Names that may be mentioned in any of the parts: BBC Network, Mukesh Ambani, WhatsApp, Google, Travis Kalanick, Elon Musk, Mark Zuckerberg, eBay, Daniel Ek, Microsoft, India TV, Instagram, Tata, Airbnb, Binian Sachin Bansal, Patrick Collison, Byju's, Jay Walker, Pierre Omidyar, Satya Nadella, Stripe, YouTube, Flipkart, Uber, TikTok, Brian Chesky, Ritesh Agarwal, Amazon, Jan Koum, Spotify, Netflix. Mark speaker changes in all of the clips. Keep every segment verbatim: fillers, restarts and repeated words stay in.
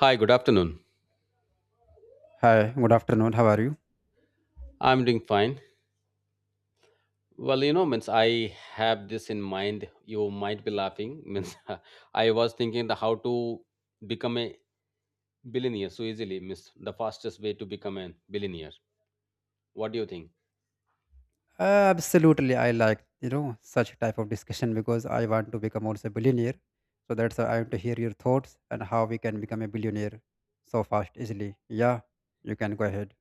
Speaker 1: Hi, good afternoon.
Speaker 2: Hi, good afternoon. How are you?
Speaker 1: I'm doing fine. Well, you know, means I have this in mind. You might be laughing. Means I was thinking the how to become a billionaire so easily. Means the fastest way to become a billionaire. What do you think?
Speaker 2: Uh, Absolutely, I like you know such type of discussion because I want to become also a billionaire. So that's why I want to hear your thoughts and how we can become a billionaire so fast, easily. Yeah, you can go ahead.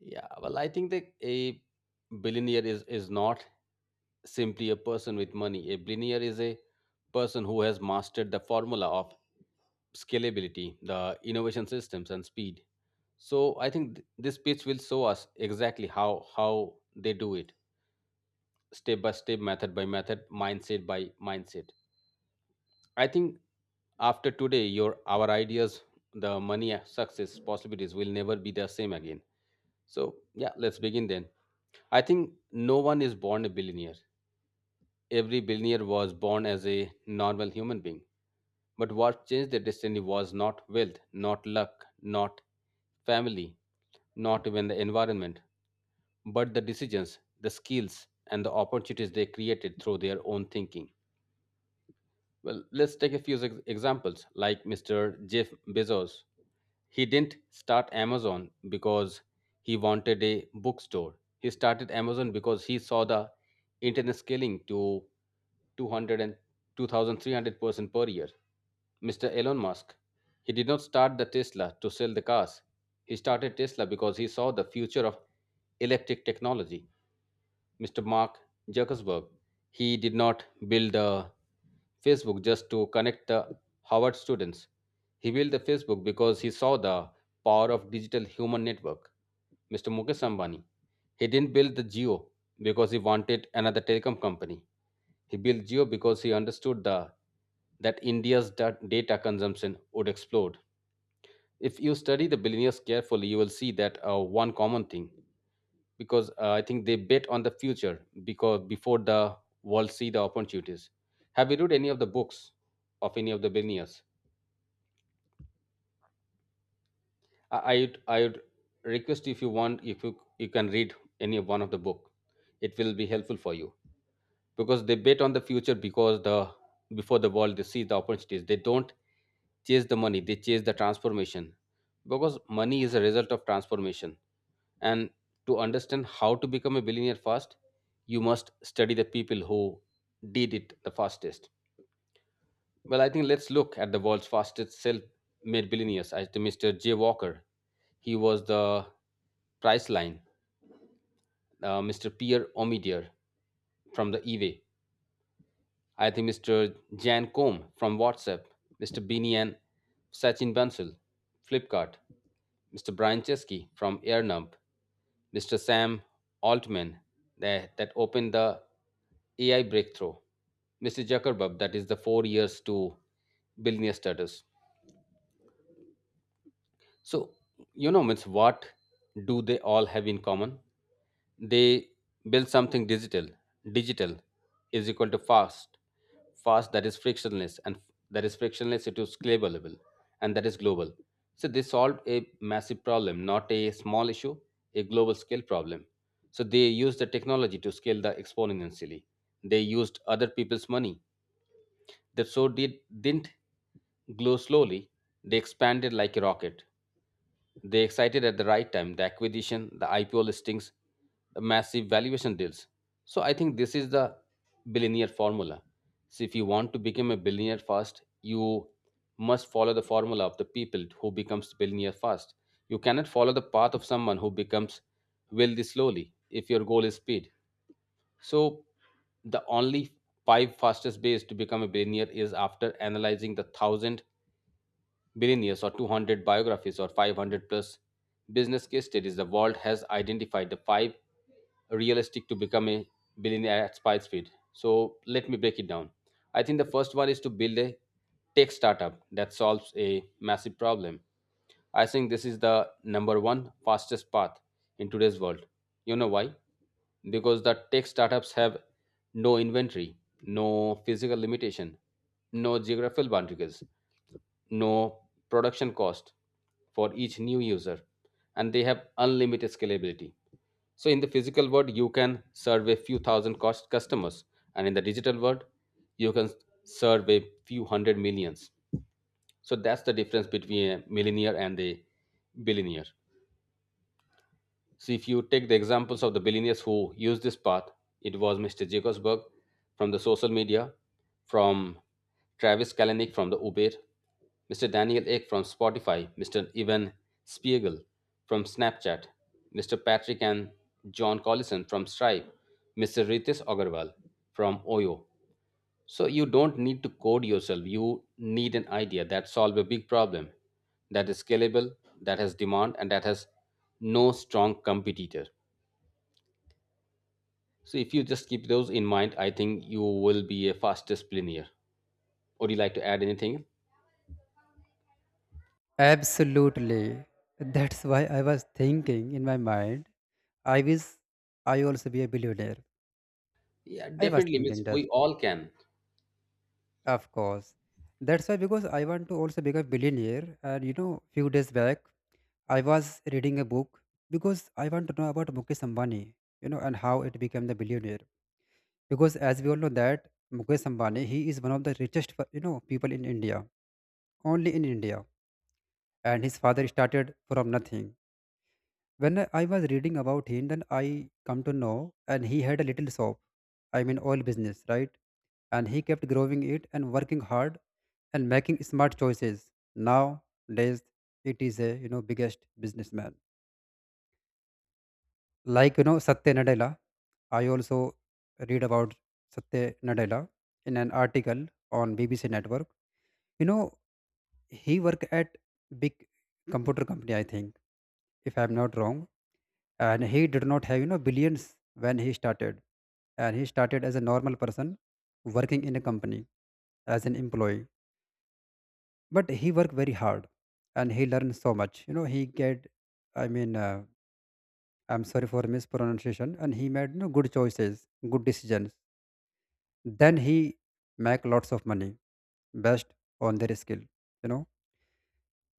Speaker 1: Yeah. Well, I think that a billionaire is is not simply a person with money. A billionaire is a person who has mastered the formula of scalability, the innovation systems, and speed. So I think th- this pitch will show us exactly how how they do it, step by step, method by method, mindset by mindset. I think after today, your our ideas, the money, uh, success, possibilities will never be the same again. So yeah, let's begin then. I think no one is born a billionaire. Every billionaire was born as a normal human being. But what changed their destiny was not wealth, not luck, not family, not even the environment, but the decisions, the skills, and the opportunities they created through their own thinking. Well, let's take a few ex- examples, like mister Jeff Bezos. He didn't start Amazon because he wanted a bookstore. He started Amazon because he saw the internet scaling to two hundred and two thousand three hundred percent per year. mister Elon Musk, he did not start the Tesla to sell the cars. He started Tesla because he saw the future of electric technology. mister Mark Zuckerberg. He did not build the Facebook just to connect the Harvard students. He built the Facebook because he saw the power of digital human network. mister Mukesh Ambani. He didn't build the Geo because he wanted another telecom company. He built Geo because he understood the that India's da- data consumption would explode. If you study the billionaires carefully, you will see that uh, one common thing because uh, I think they bet on the future because before the world see the opportunities. Have you read any of the books of any of the billionaires? I I would, I would request if you want if you you can read any one of the book, it will be helpful for you. Because they bet on the future because the before the world they see the opportunities. They don't chase the money, they chase the transformation, because money is a result of transformation. And to understand how to become a billionaire fast, you must study the people who did it the fastest. Well, I think let's look at the world's fastest self-made billionaires, as to Mr. Jay Walker. He was the price line uh, Mr. Pierre Omidyar from the eBay. I think mister Jan Koum from WhatsApp, mister Binian Sachin Bansal, Flipkart, mister Brian Chesky from AirNump, mister Sam Altman that, that opened the A I breakthrough, mister Zuckerberg that is the four years to billionaire status. So you know, means what do they all have in common? They build something digital. Digital is equal to fast. Fast that is frictionless, and that is frictionless it is scalable, and that is global. So they solved a massive problem, not a small issue, a global scale problem. So they used the technology to scale the exponentially. They used other people's money. That so did didn't glow slowly, they expanded like a rocket. They excited at the right time, the acquisition, the I P O listings, the massive valuation deals. So I think this is the billionaire formula. So if you want to become a billionaire fast, you must follow the formula of the people who becomes billionaire fast. You cannot follow the path of someone who becomes wealthy slowly if your goal is speed. So the only five fastest ways to become a billionaire is after analyzing the thousand billionaires or two hundred biographies or five hundred plus business case studies, the world has identified the five realistic to become a billionaire at Spice speed. So let me break it down. I think the first one is to build a tech startup that solves a massive problem. I think this is the number one fastest path in today's world. You know why? Because the tech startups have no inventory, no physical limitation, no geographical boundaries, no production cost for each new user, and they have unlimited scalability. So in the physical world you can serve a few thousand cost customers, and in the digital world you can serve a few hundred millions. So that's the difference between a millionaire and a billionaire. See, if you take the examples of the billionaires who used this path, it was mister Jacobsberg from the social media, from Travis Kalanick from the Uber, mister Daniel Ek from Spotify, mister Ivan Spiegel from Snapchat, mister Patrick and John Collison from Stripe, mister Ritesh Agarwal from Oyo. So you don't need to code yourself. You need an idea that solves a big problem, that is scalable, that has demand, and that has no strong competitor. So if you just keep those in mind, I think you will be a fastest player. Would you like to add anything?
Speaker 2: Absolutely, that's why I was thinking in my mind. I wish I also be a billionaire.
Speaker 1: Yeah,
Speaker 2: I was
Speaker 1: definitely. Means
Speaker 2: thinking
Speaker 1: we
Speaker 2: just,
Speaker 1: all can.
Speaker 2: of course. That's why because I want to also become billionaire. And you know, few days back I was reading a book because I want to know about Mukesh Ambani, you know, and how it became the billionaire. Because as we all know that Mukesh Ambani, he is one of the richest, per- you know, people in India, only in India. And his father started from nothing. When I was reading about him, then I come to know, and he had a little shop, I mean oil business, right? And he kept growing it and working hard and making smart choices. Nowadays, it is a you know biggest businessman. Like, you know, Satya Nadella, I also read about Satya Nadella in an article on B B C Network. You know, he worked at big computer company, I think, if I'm not wrong. And he did not have, you know, billions when he started. And he started as a normal person working in a company as an employee. But he worked very hard and he learned so much. You know, he get, I mean, uh, I'm sorry for mispronunciation. And he made you know, good choices, good decisions. Then he make lots of money based on their skill. You know.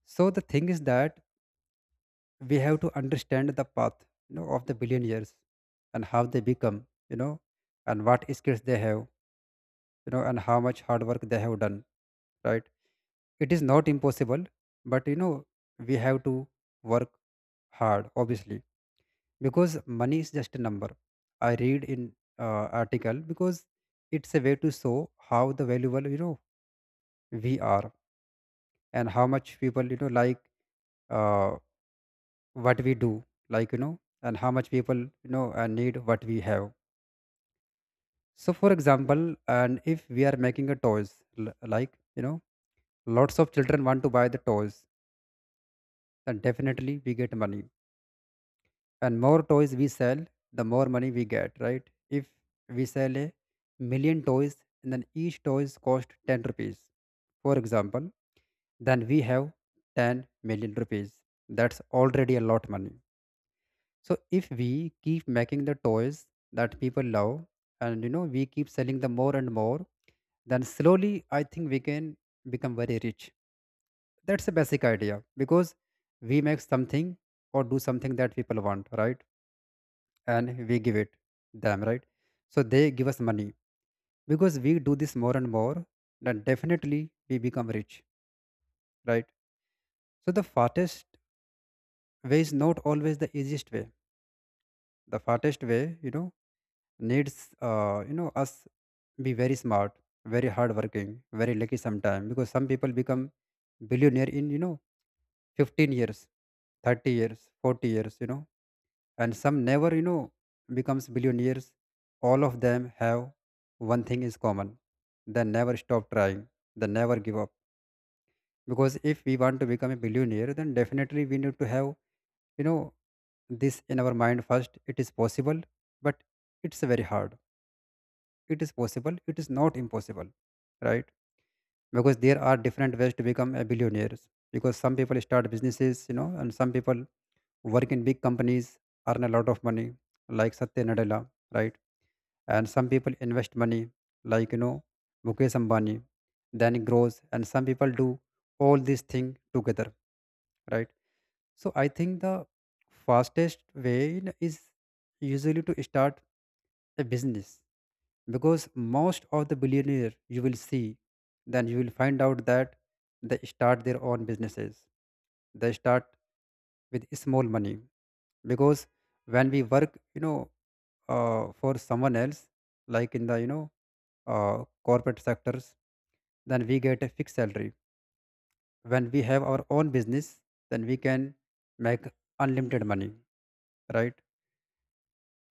Speaker 2: So the thing is that we have to understand the path, you know, of the billionaires and how they become, you know, and what skills they have, you know, and how much hard work they have done. Right. It is not impossible, but you know, we have to work hard, obviously. Because money is just a number. I read in uh, article because it's a way to show how the valuable you know we are, and how much people you know like uh, what we do, like you know, and how much people you know uh, need what we have. So for example, and if we are making a toys, l- like you know, lots of children want to buy the toys, then definitely we get money. And more toys we sell, the more money we get, right? If we sell a million toys, and then each toys cost ten rupees, for example, then we have ten million rupees. That's already a lot money. So if we keep making the toys that people love, and you know we keep selling them more and more, then slowly I think we can become very rich. That's the basic idea, because we make something or do something that people want, right? And we give it them, right? So they give us money. Because we do this more and more, then definitely we become rich, right? So the fastest way is not always the easiest way. The fastest way you know needs uh, you know us be very smart, very hardworking, very lucky sometime, because some people become billionaire in you know fifteen years, thirty years, forty years, you know, and some never you know becomes billionaires. All of them have one thing is common: they never stop trying, they never give up. Because if we want to become a billionaire, then definitely we need to have you know this in our mind first. It is possible, but it's very hard. It is possible, it is not impossible, right? Because there are different ways to become a billionaires. Because some people start businesses, you know, and some people work in big companies, earn a lot of money, like Satya Nadella, right? And some people invest money, like you know Mukesh Ambani, then it grows. And some people do all these things together, right? So I think the fastest way, you know, is usually to start a business, because most of the billionaire you will see, then you will find out that they start their own businesses. They start with small money. Because when we work, you know, uh, for someone else, like in the you know uh, corporate sectors, then we get a fixed salary. When we have our own business, then we can make unlimited money, right?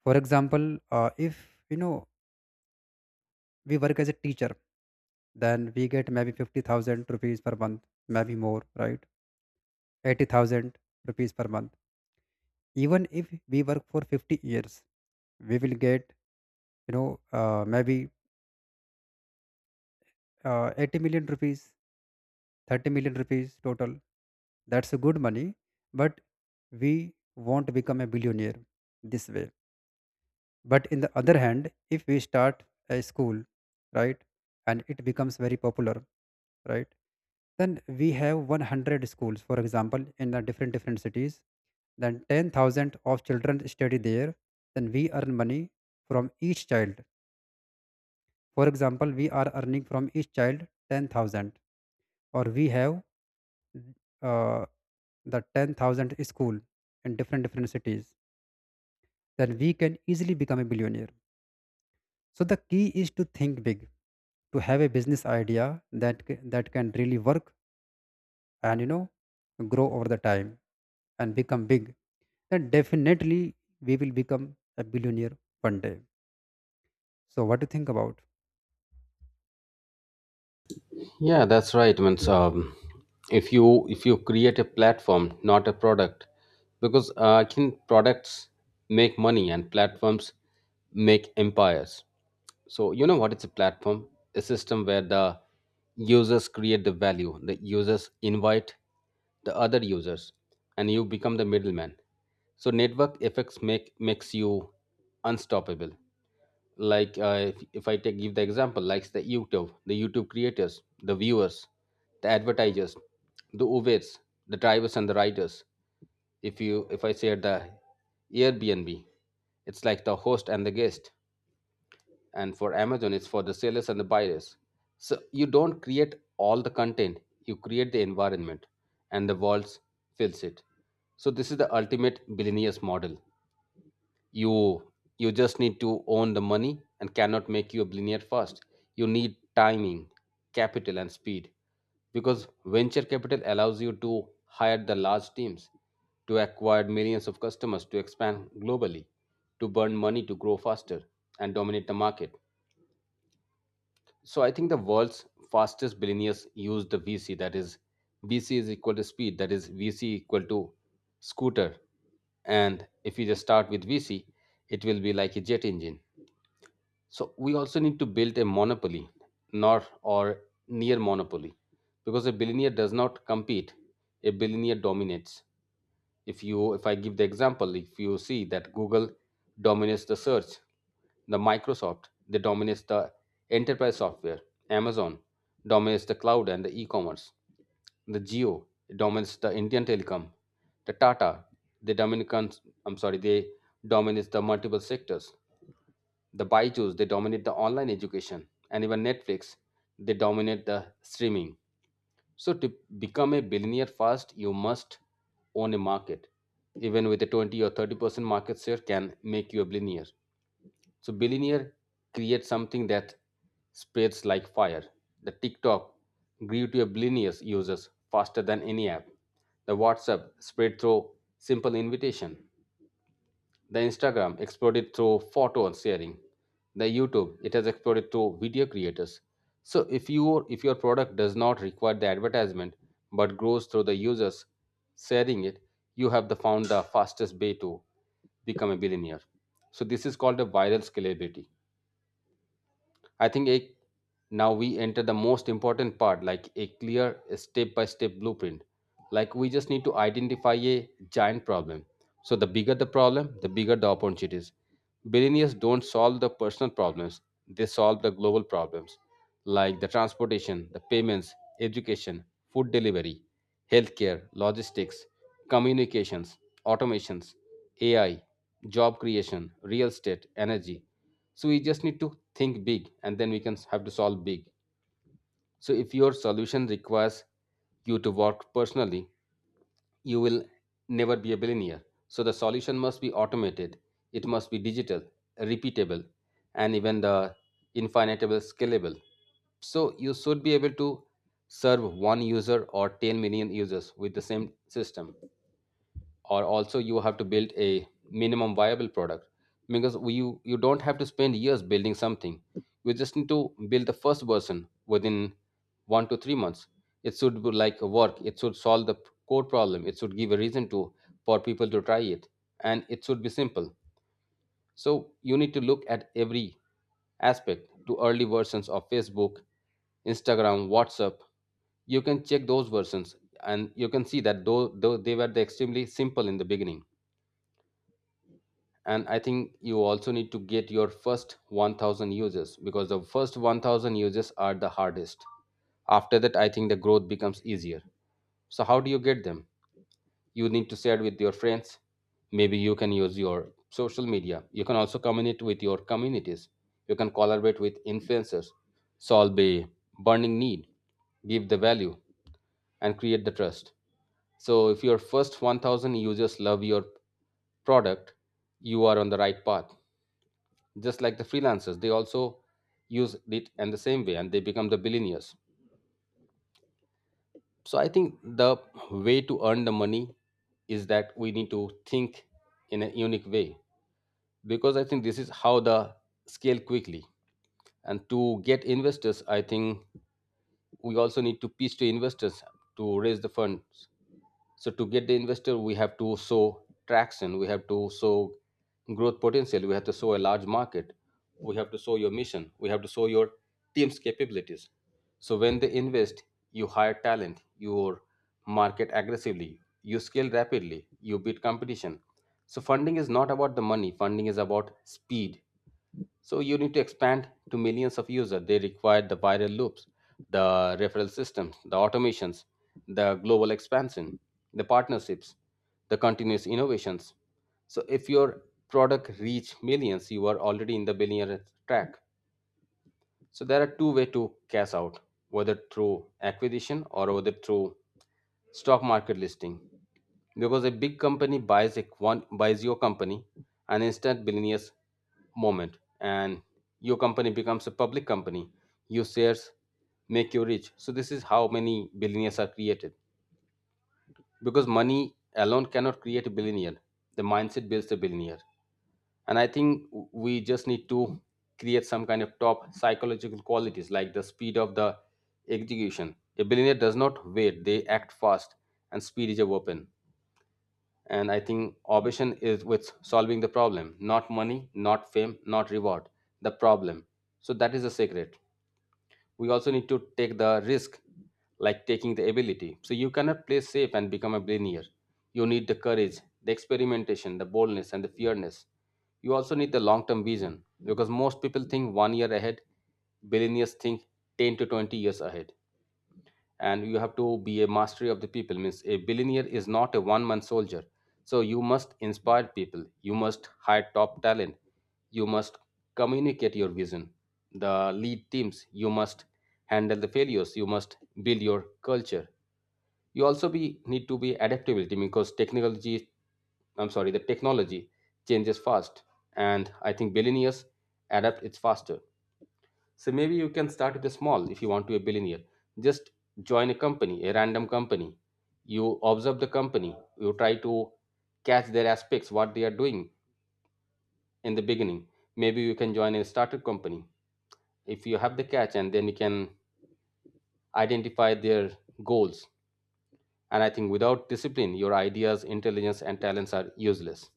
Speaker 2: For example, uh, if you know we work as a teacher, then we get maybe fifty thousand rupees per month, maybe more, right? eighty thousand rupees per month. Even if we work for fifty years, we will get you know uh, maybe uh, eighty million rupees, thirty million rupees total. That's a good money, but we won't become a billionaire this way. But in the other hand, if we start a school, right, and it becomes very popular, right, then we have one hundred schools for example in the different different cities, then ten thousand of children study there, then we earn money from each child. For example, we are earning from each child ten thousand. Or we have uh, the ten thousand school in different different cities, then we can easily become a billionaire. So the key is to think big, to have a business idea that c- that can really work, and you know grow over the time and become big. Then definitely we will become a billionaire one day. So what do you think about?
Speaker 1: Yeah, that's right. Means um, if you if you create a platform, not a product, because uh, I think products make money and platforms make empires. So, you know what? It's a platform, a system where the users create the value, the users invite the other users, and you become the middleman. So, network effects make makes you unstoppable. Like uh, if, if I take give the example, like the YouTube, the YouTube creators, the viewers, the advertisers, the Ubers, the drivers and the riders. If you if I say the Airbnb, it's like the host and the guest, and for Amazon it's for the sellers and the buyers. So you don't create all the content, you create the environment, and the world fills it. So this is the ultimate billionaires model. you you just need to own the money and cannot make you a billionaire fast. You need timing, capital and speed, because venture capital allows you to hire the large teams, to acquire millions of customers, to expand globally, to burn money to grow faster and dominate the market. So I think the world's fastest billionaires use the V C. That is, V C is equal to speed. That is, V C equal to scooter. And if you just start with V C, it will be like a jet engine. So we also need to build a monopoly, not or near monopoly, because a billionaire does not compete. A billionaire dominates. If you, if I give the example, if you see that Google dominates the search, the Microsoft, they dominates the enterprise software. Amazon dominates the cloud and the e-commerce. The Geo dominates the Indian telecom. The Tata, they dominate, I'm sorry, they dominates the multiple sectors. The Byju's, they dominate the online education. And even Netflix, they dominate the streaming. So to become a billionaire fast, you must own a market. Even with a twenty or thirty percent market share can make you a billionaire. So billionaire create something that spreads like fire. The TikTok grew to a billion users faster than any app. The WhatsApp spread through simple invitation. The Instagram exploded through photo and sharing. The YouTube it has exploded through video creators. So if your if your product does not require the advertisement but grows through the users sharing it, you have the found the fastest way to become a billionaire. So this is called a viral scalability. I think a, now we enter the most important part, like a clear step by step blueprint. Like we just need to identify a giant problem. So the bigger the problem, the bigger the opportunities. Billionaires don't solve the personal problems, they solve the global problems, like the transportation, the payments, education, food delivery, healthcare, logistics, communications, automations, A I, job creation, real estate, energy. So we just need to think big and then we can have to solve big. So if your solution requires you to work personally, you will never be a billionaire. So the solution must be automated, it must be digital, repeatable, and even the infinitable scalable. So you should be able to serve one user or ten million users with the same system. Or also you have to build a minimum viable product because we- you you don't have to spend years building something. You just need to build the first version within one to three months. It should be like a work, it should solve the core problem, it should give a reason to for people to try it, and it should be simple. So you need to look at every aspect to early versions of Facebook, Instagram, WhatsApp. You can check those versions and you can see that though, though they were the extremely simple in the beginning. And I think you also need to get your first one thousand users because the first one thousand users are the hardest. After that I think the growth becomes easier. So how do you get them? You need to share with your friends, maybe you can use your social media, you can also communicate with your communities, you can collaborate with influencers. Solve a burning need, give the value, and create the trust. So if your first one thousand users love your product, you are on the right path. Just like the freelancers, they also use it in the same way and they become the billionaires. So I think the way to earn the money is that we need to think in a unique way, because I think this is how the scale quickly. And to get investors, I think we also need to pitch to investors to raise the funds. So to get the investor, we have to show traction, we have to show growth potential, we have to show a large market, we have to show your mission, we have to show your team's capabilities. So when they invest, you hire talent, you market aggressively, you scale rapidly, you beat competition. So funding is not about the money, funding is about speed. So you need to expand to millions of users. They require the viral loops, the referral systems, the automations, the global expansion, the partnerships, the continuous innovations. So if your product reach millions, you are already in the billionaire track. So there are two way to cash out, whether through acquisition or whether through stock market listing. Because a big company buys a one buys your company, an instant billionaires moment, and your company becomes a public company. Your shares make you rich. So this is how many billionaires are created. Because money alone cannot create a billionaire. The mindset builds the billionaire. And I think we just need to create some kind of top psychological qualities like the speed of the execution. A billionaire does not wait, they act fast, and speed is a weapon. And I think ambition is with solving the problem, not money, not fame, not reward. The problem. So that is the secret. We also need to take the risk, like taking the ability, so you cannot play safe and become a billionaire. You need the courage, the experimentation, the boldness, and the fearness. You also need the long term vision because most people think one year ahead, billionaires think ten to twenty years ahead. And you have to be a mastery of the people, means a billionaire is not a one man soldier. So you must inspire people, you must hire top talent, you must communicate your vision, the lead teams, you must handle the failures, you must build your culture. You also be need to be adaptability because technology I'm sorry, the technology changes fast, and I think billionaires adapt it faster. So maybe you can start with a small if you want to be a billionaire. Just join a company, a random company. You observe the company. You try to catch their aspects, what they are doing in the beginning. Maybe you can join a startup company if you have the catch, and then you can identify their goals. And I think without discipline, your ideas, intelligence, and talents are useless.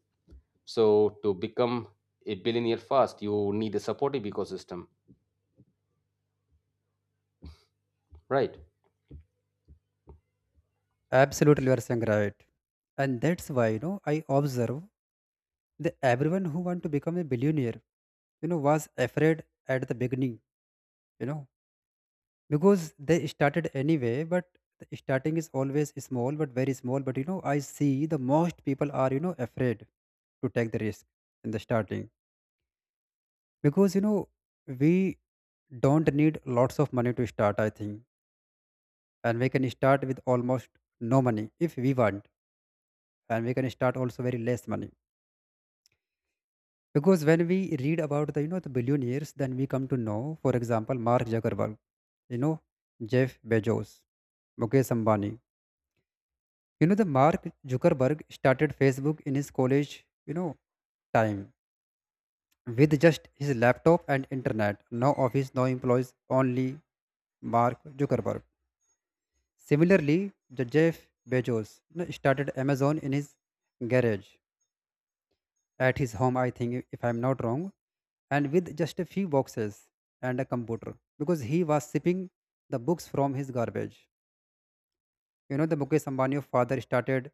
Speaker 1: So to become a billionaire fast, you need a supportive ecosystem, right?
Speaker 2: Absolutely, you are saying right, and that's why you know I observe that everyone who want to become a billionaire, you know, was afraid at the beginning. You know because they started anyway, but the starting is always small, but very small. But you know I see the most people are you know afraid to take the risk in the starting. Because you know we don't need lots of money to start, I think, and we can start with almost no money if we want. And we can start also very less money, because when we read about the you know the billionaires, then we come to know, for example Mark Zuckerberg, you know, Jeff Bezos, Mukesh Ambani. You know, the Mark Zuckerberg started Facebook in his college, you know, time, with just his laptop and internet. No office, no employees, only Mark Zuckerberg. Similarly, the Jeff Bezos you know started Amazon in his garage at his home, I think, if I'm not wrong, and with just a few boxes and a computer, because he was shipping the books from his garbage. You know, the Mukesh Ambani of father started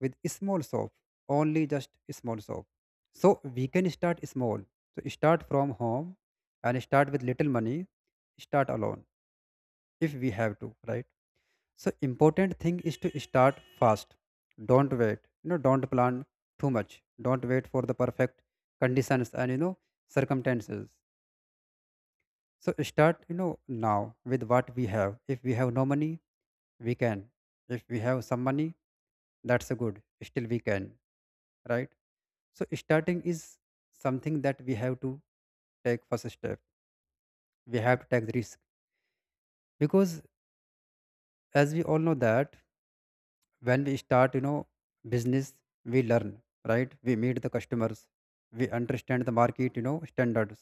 Speaker 2: with a small shop, only just a small shop. So we can start small. So start from home, and start with little money. Start alone if we have to, right? So important thing is to start fast. Don't wait. You know, don't plan too much. Don't wait for the perfect conditions and you know circumstances. So start, you know, now with what we have. If we have no money, we can. If we have some money, that's a good still we can, right? So starting is something that we have to take first step. We have to take the risk. Because as we all know that when we start, you know, business, we learn, right? We meet the customers, we understand the market you know standards,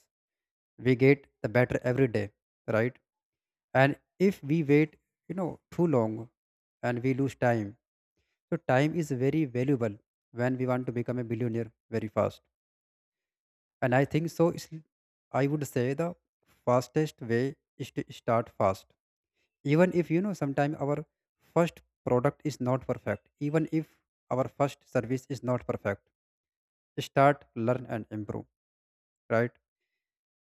Speaker 2: we get the better every day, right? And if we wait you know too long, and we lose time. So time is very valuable when we want to become a billionaire very fast. And I think so is, I would say the fastest way is to start fast. Even if you know sometimes our first product is not perfect, even if our first service is not perfect, start, learn and improve, right?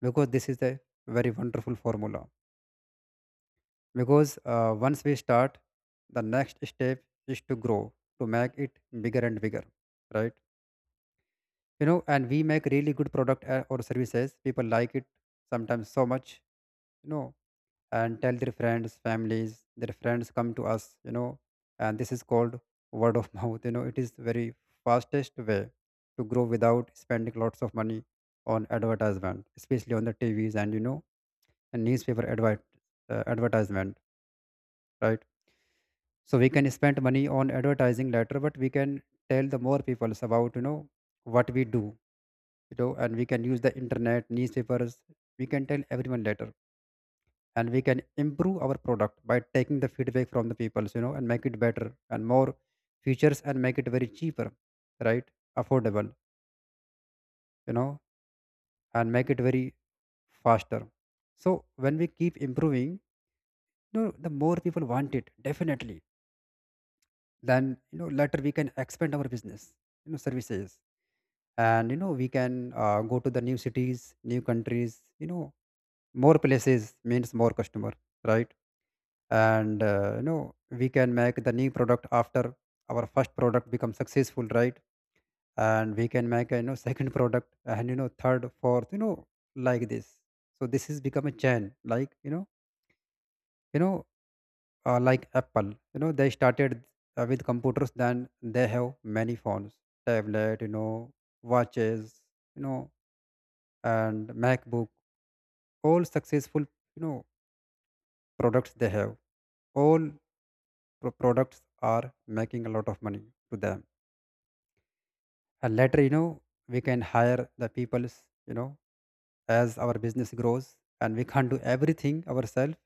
Speaker 2: Because this is a very wonderful formula. Because uh, once we start, the next step is to grow, to make it bigger and bigger, right? You know, and we make really good product uh, or services, people like it sometimes so much, you know, and tell their friends families, their friends come to us, you know. And this is called word of mouth, you know. It is very fastest way to grow without spending lots of money on advertisement, especially on the tvs and you know and newspaper advert uh, advertisement, right? So we can spend money on advertising later, but we can tell the more people about you know what we do, you know. And we can use the internet, newspapers, we can tell everyone later. And we can improve our product by taking the feedback from the people, you know, and make it better and more features, and make it very cheaper, right? Affordable, you know, and make it very faster. So when we keep improving, you know, the more people want it definitely. Then you know later we can expand our business, you know, services. And you know we can uh, go to the new cities, new Countries, you know more places means more customer, right? And uh, you know we can make the new product after our first product becomes successful, right? And we can make a, you know second product, and you know third, fourth, you know like this. So this has become a chain, like you know you know uh, like Apple. You know, they started uh, with computers, then they have many phones, tablet, you know watches, you know and MacBook. All successful, you know products they have, all pro- products are making a lot of money to them. And later, you know we can hire the peoples, you know as our business grows, and we can't do everything ourselves.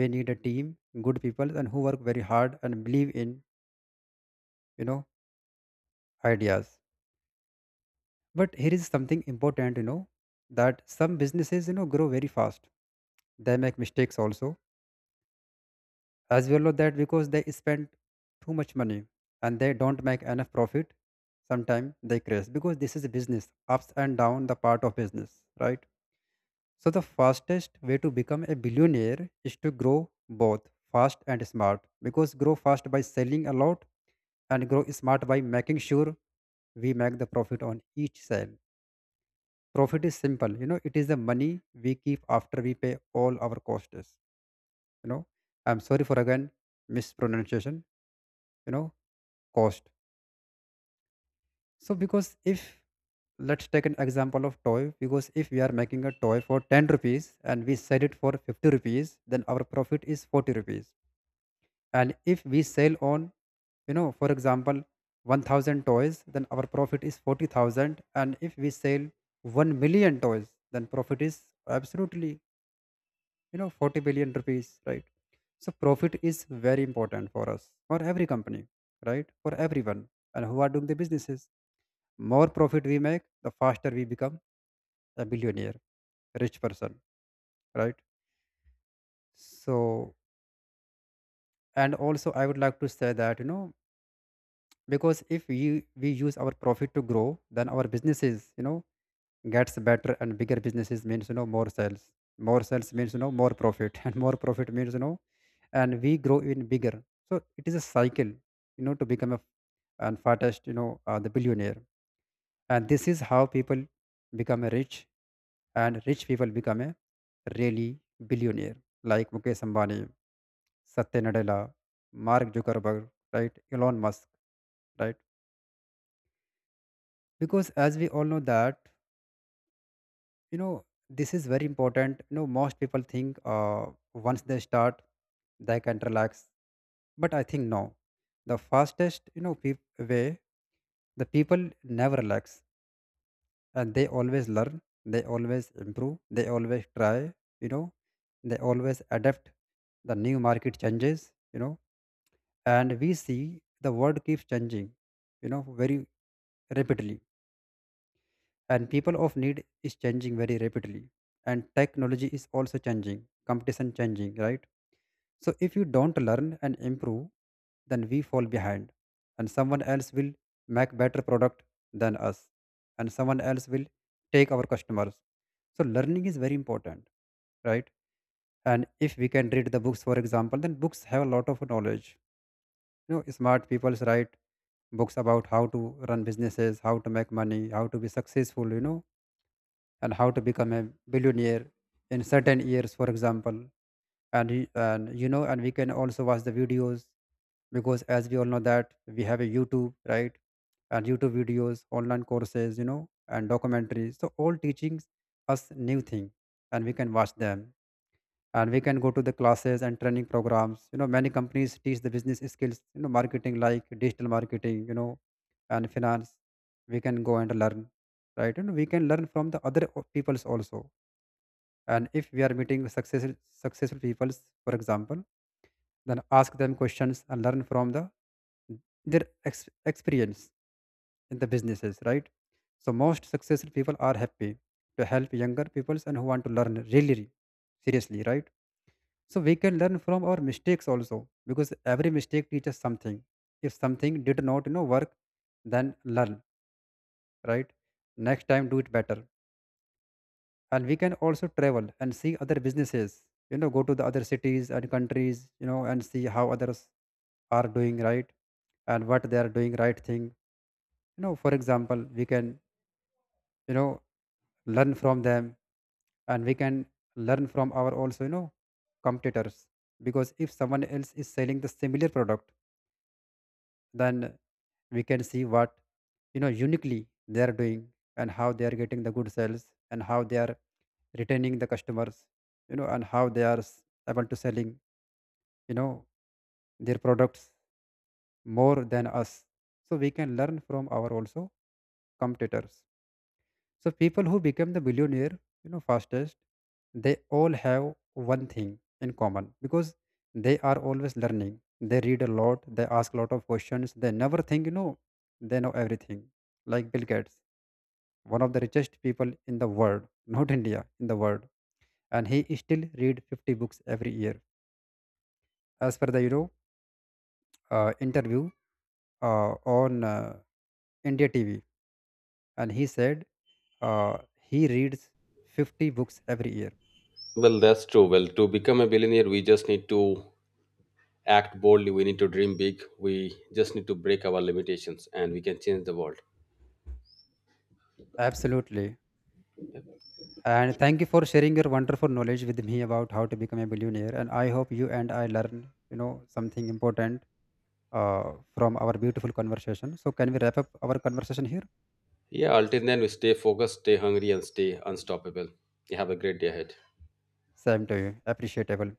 Speaker 2: We need a team, good people and who work very hard and believe in, you know ideas. But here is something important, you know, that some businesses, you know grow very fast, they make mistakes also, as well know that because they spend too much money and they don't make enough profit. Sometimes they crash, because this is a business. Ups and down the part of business, right? So the fastest way to become a billionaire is to grow both fast and smart, because grow fast by selling a lot and grow smart by making sure we make the profit on each sale. Profit is simple, you know, it is the money we keep after we pay all our costs. You know, I'm sorry for again mispronunciation, you know, cost. So, because if, let's take an example of toy, because if we are making a toy for ten rupees and we sell it for fifty rupees, then our profit is forty rupees. And if we sell on, you know for example, one thousand toys, then our profit is forty thousand. And if we sell one million toys, then profit is absolutely, you know forty billion rupees, right? So profit is very important for us, for every company, right, for everyone, and who are doing the businesses. More profit we make, the faster we become a billionaire, rich person, right? So, and also I would like to say that, you know, because if we we use our profit to grow, then our businesses, you know gets better, and bigger businesses means, you know more sales, more sales means, you know more profit, and more profit means, you know and we grow even bigger. So it is a cycle, you know, to become a and fattest, you know uh, the billionaire. And this is how people become a rich, and rich people become a really billionaire, like Mukesh Ambani, Satya Nadella, Mark Zuckerberg, right, Elon Musk, right? Because as we all know that, you know, this is very important, you know. Most people think, uh, once they start they can relax. But I think no. The fastest, you know peop- way, the people never relax, and they always learn, they always improve, they always try, you know, they always adapt the new market changes, you know. And we see the world keeps changing, you know, very rapidly. And people of need is changing very rapidly, and technology is also changing, competition changing, right? So if you don't learn and improve, then we fall behind, and someone else will make better product than us, and someone else will take our customers. So learning is very important, right? And if we can read the books, for example, then books have a lot of knowledge, you know. Smart people write books about how to run businesses, how to make money, how to be successful, you know, and how to become a billionaire in certain years, for example. And, y- and you know and we can also watch the videos, because as we all know that we have a YouTube, right? And YouTube videos, online courses, you know and documentaries, so all teachings us new thing, and we can watch them. And we can go to the classes and training programs, you know. Many companies teach the business skills, you know, marketing, like digital marketing, you know, and finance, we can go and learn, right? And we can learn from the other o- peoples also. And if we are meeting successful, successful peoples, for example, then ask them questions and learn from the their ex- experience in the businesses, right? So most successful people are happy to help younger peoples and who want to learn really seriously, right? So we can learn from our mistakes also, because every mistake teaches something. If something did not, you know work, then learn, right? Next time do it better. And we can also travel and see other businesses, you know, go to the other cities and countries, you know, and see how others are doing right, and what they are doing right thing. You know, for example, we can, you know, learn from them. And we can learn from our also, you know, competitors. Because if someone else is selling the similar product, then we can see what, you know uniquely they are doing, and how they are getting the good sales, and how they are retaining the customers, you know, and how they are s- able to selling, you know their products more than us. So we can learn from our also competitors. So people who become the billionaire, you know fastest, they all have one thing in common, because they are always learning, they read a lot, they ask a lot of questions, they never think, you know they know everything. Like Bill Gates, one of the richest people in the world, not India, in the world, and he still read fifty books every year. As per the, you know uh, interview uh, on, uh, India T V, and he said, uh, he reads fifty books every year.
Speaker 1: Well, that's true. Well, to become a billionaire, we just need to act boldly. We need to dream big. We just need to break our limitations and we can change the world.
Speaker 2: Absolutely. And thank you for sharing your wonderful knowledge with me about how to become a billionaire. And I hope you and I learn, you know, something important uh, from our beautiful conversation. So can we wrap up our conversation here?
Speaker 1: Yeah, until then, we stay focused, stay hungry, and stay unstoppable. You have a great day ahead.
Speaker 2: Same to you. Appreciable.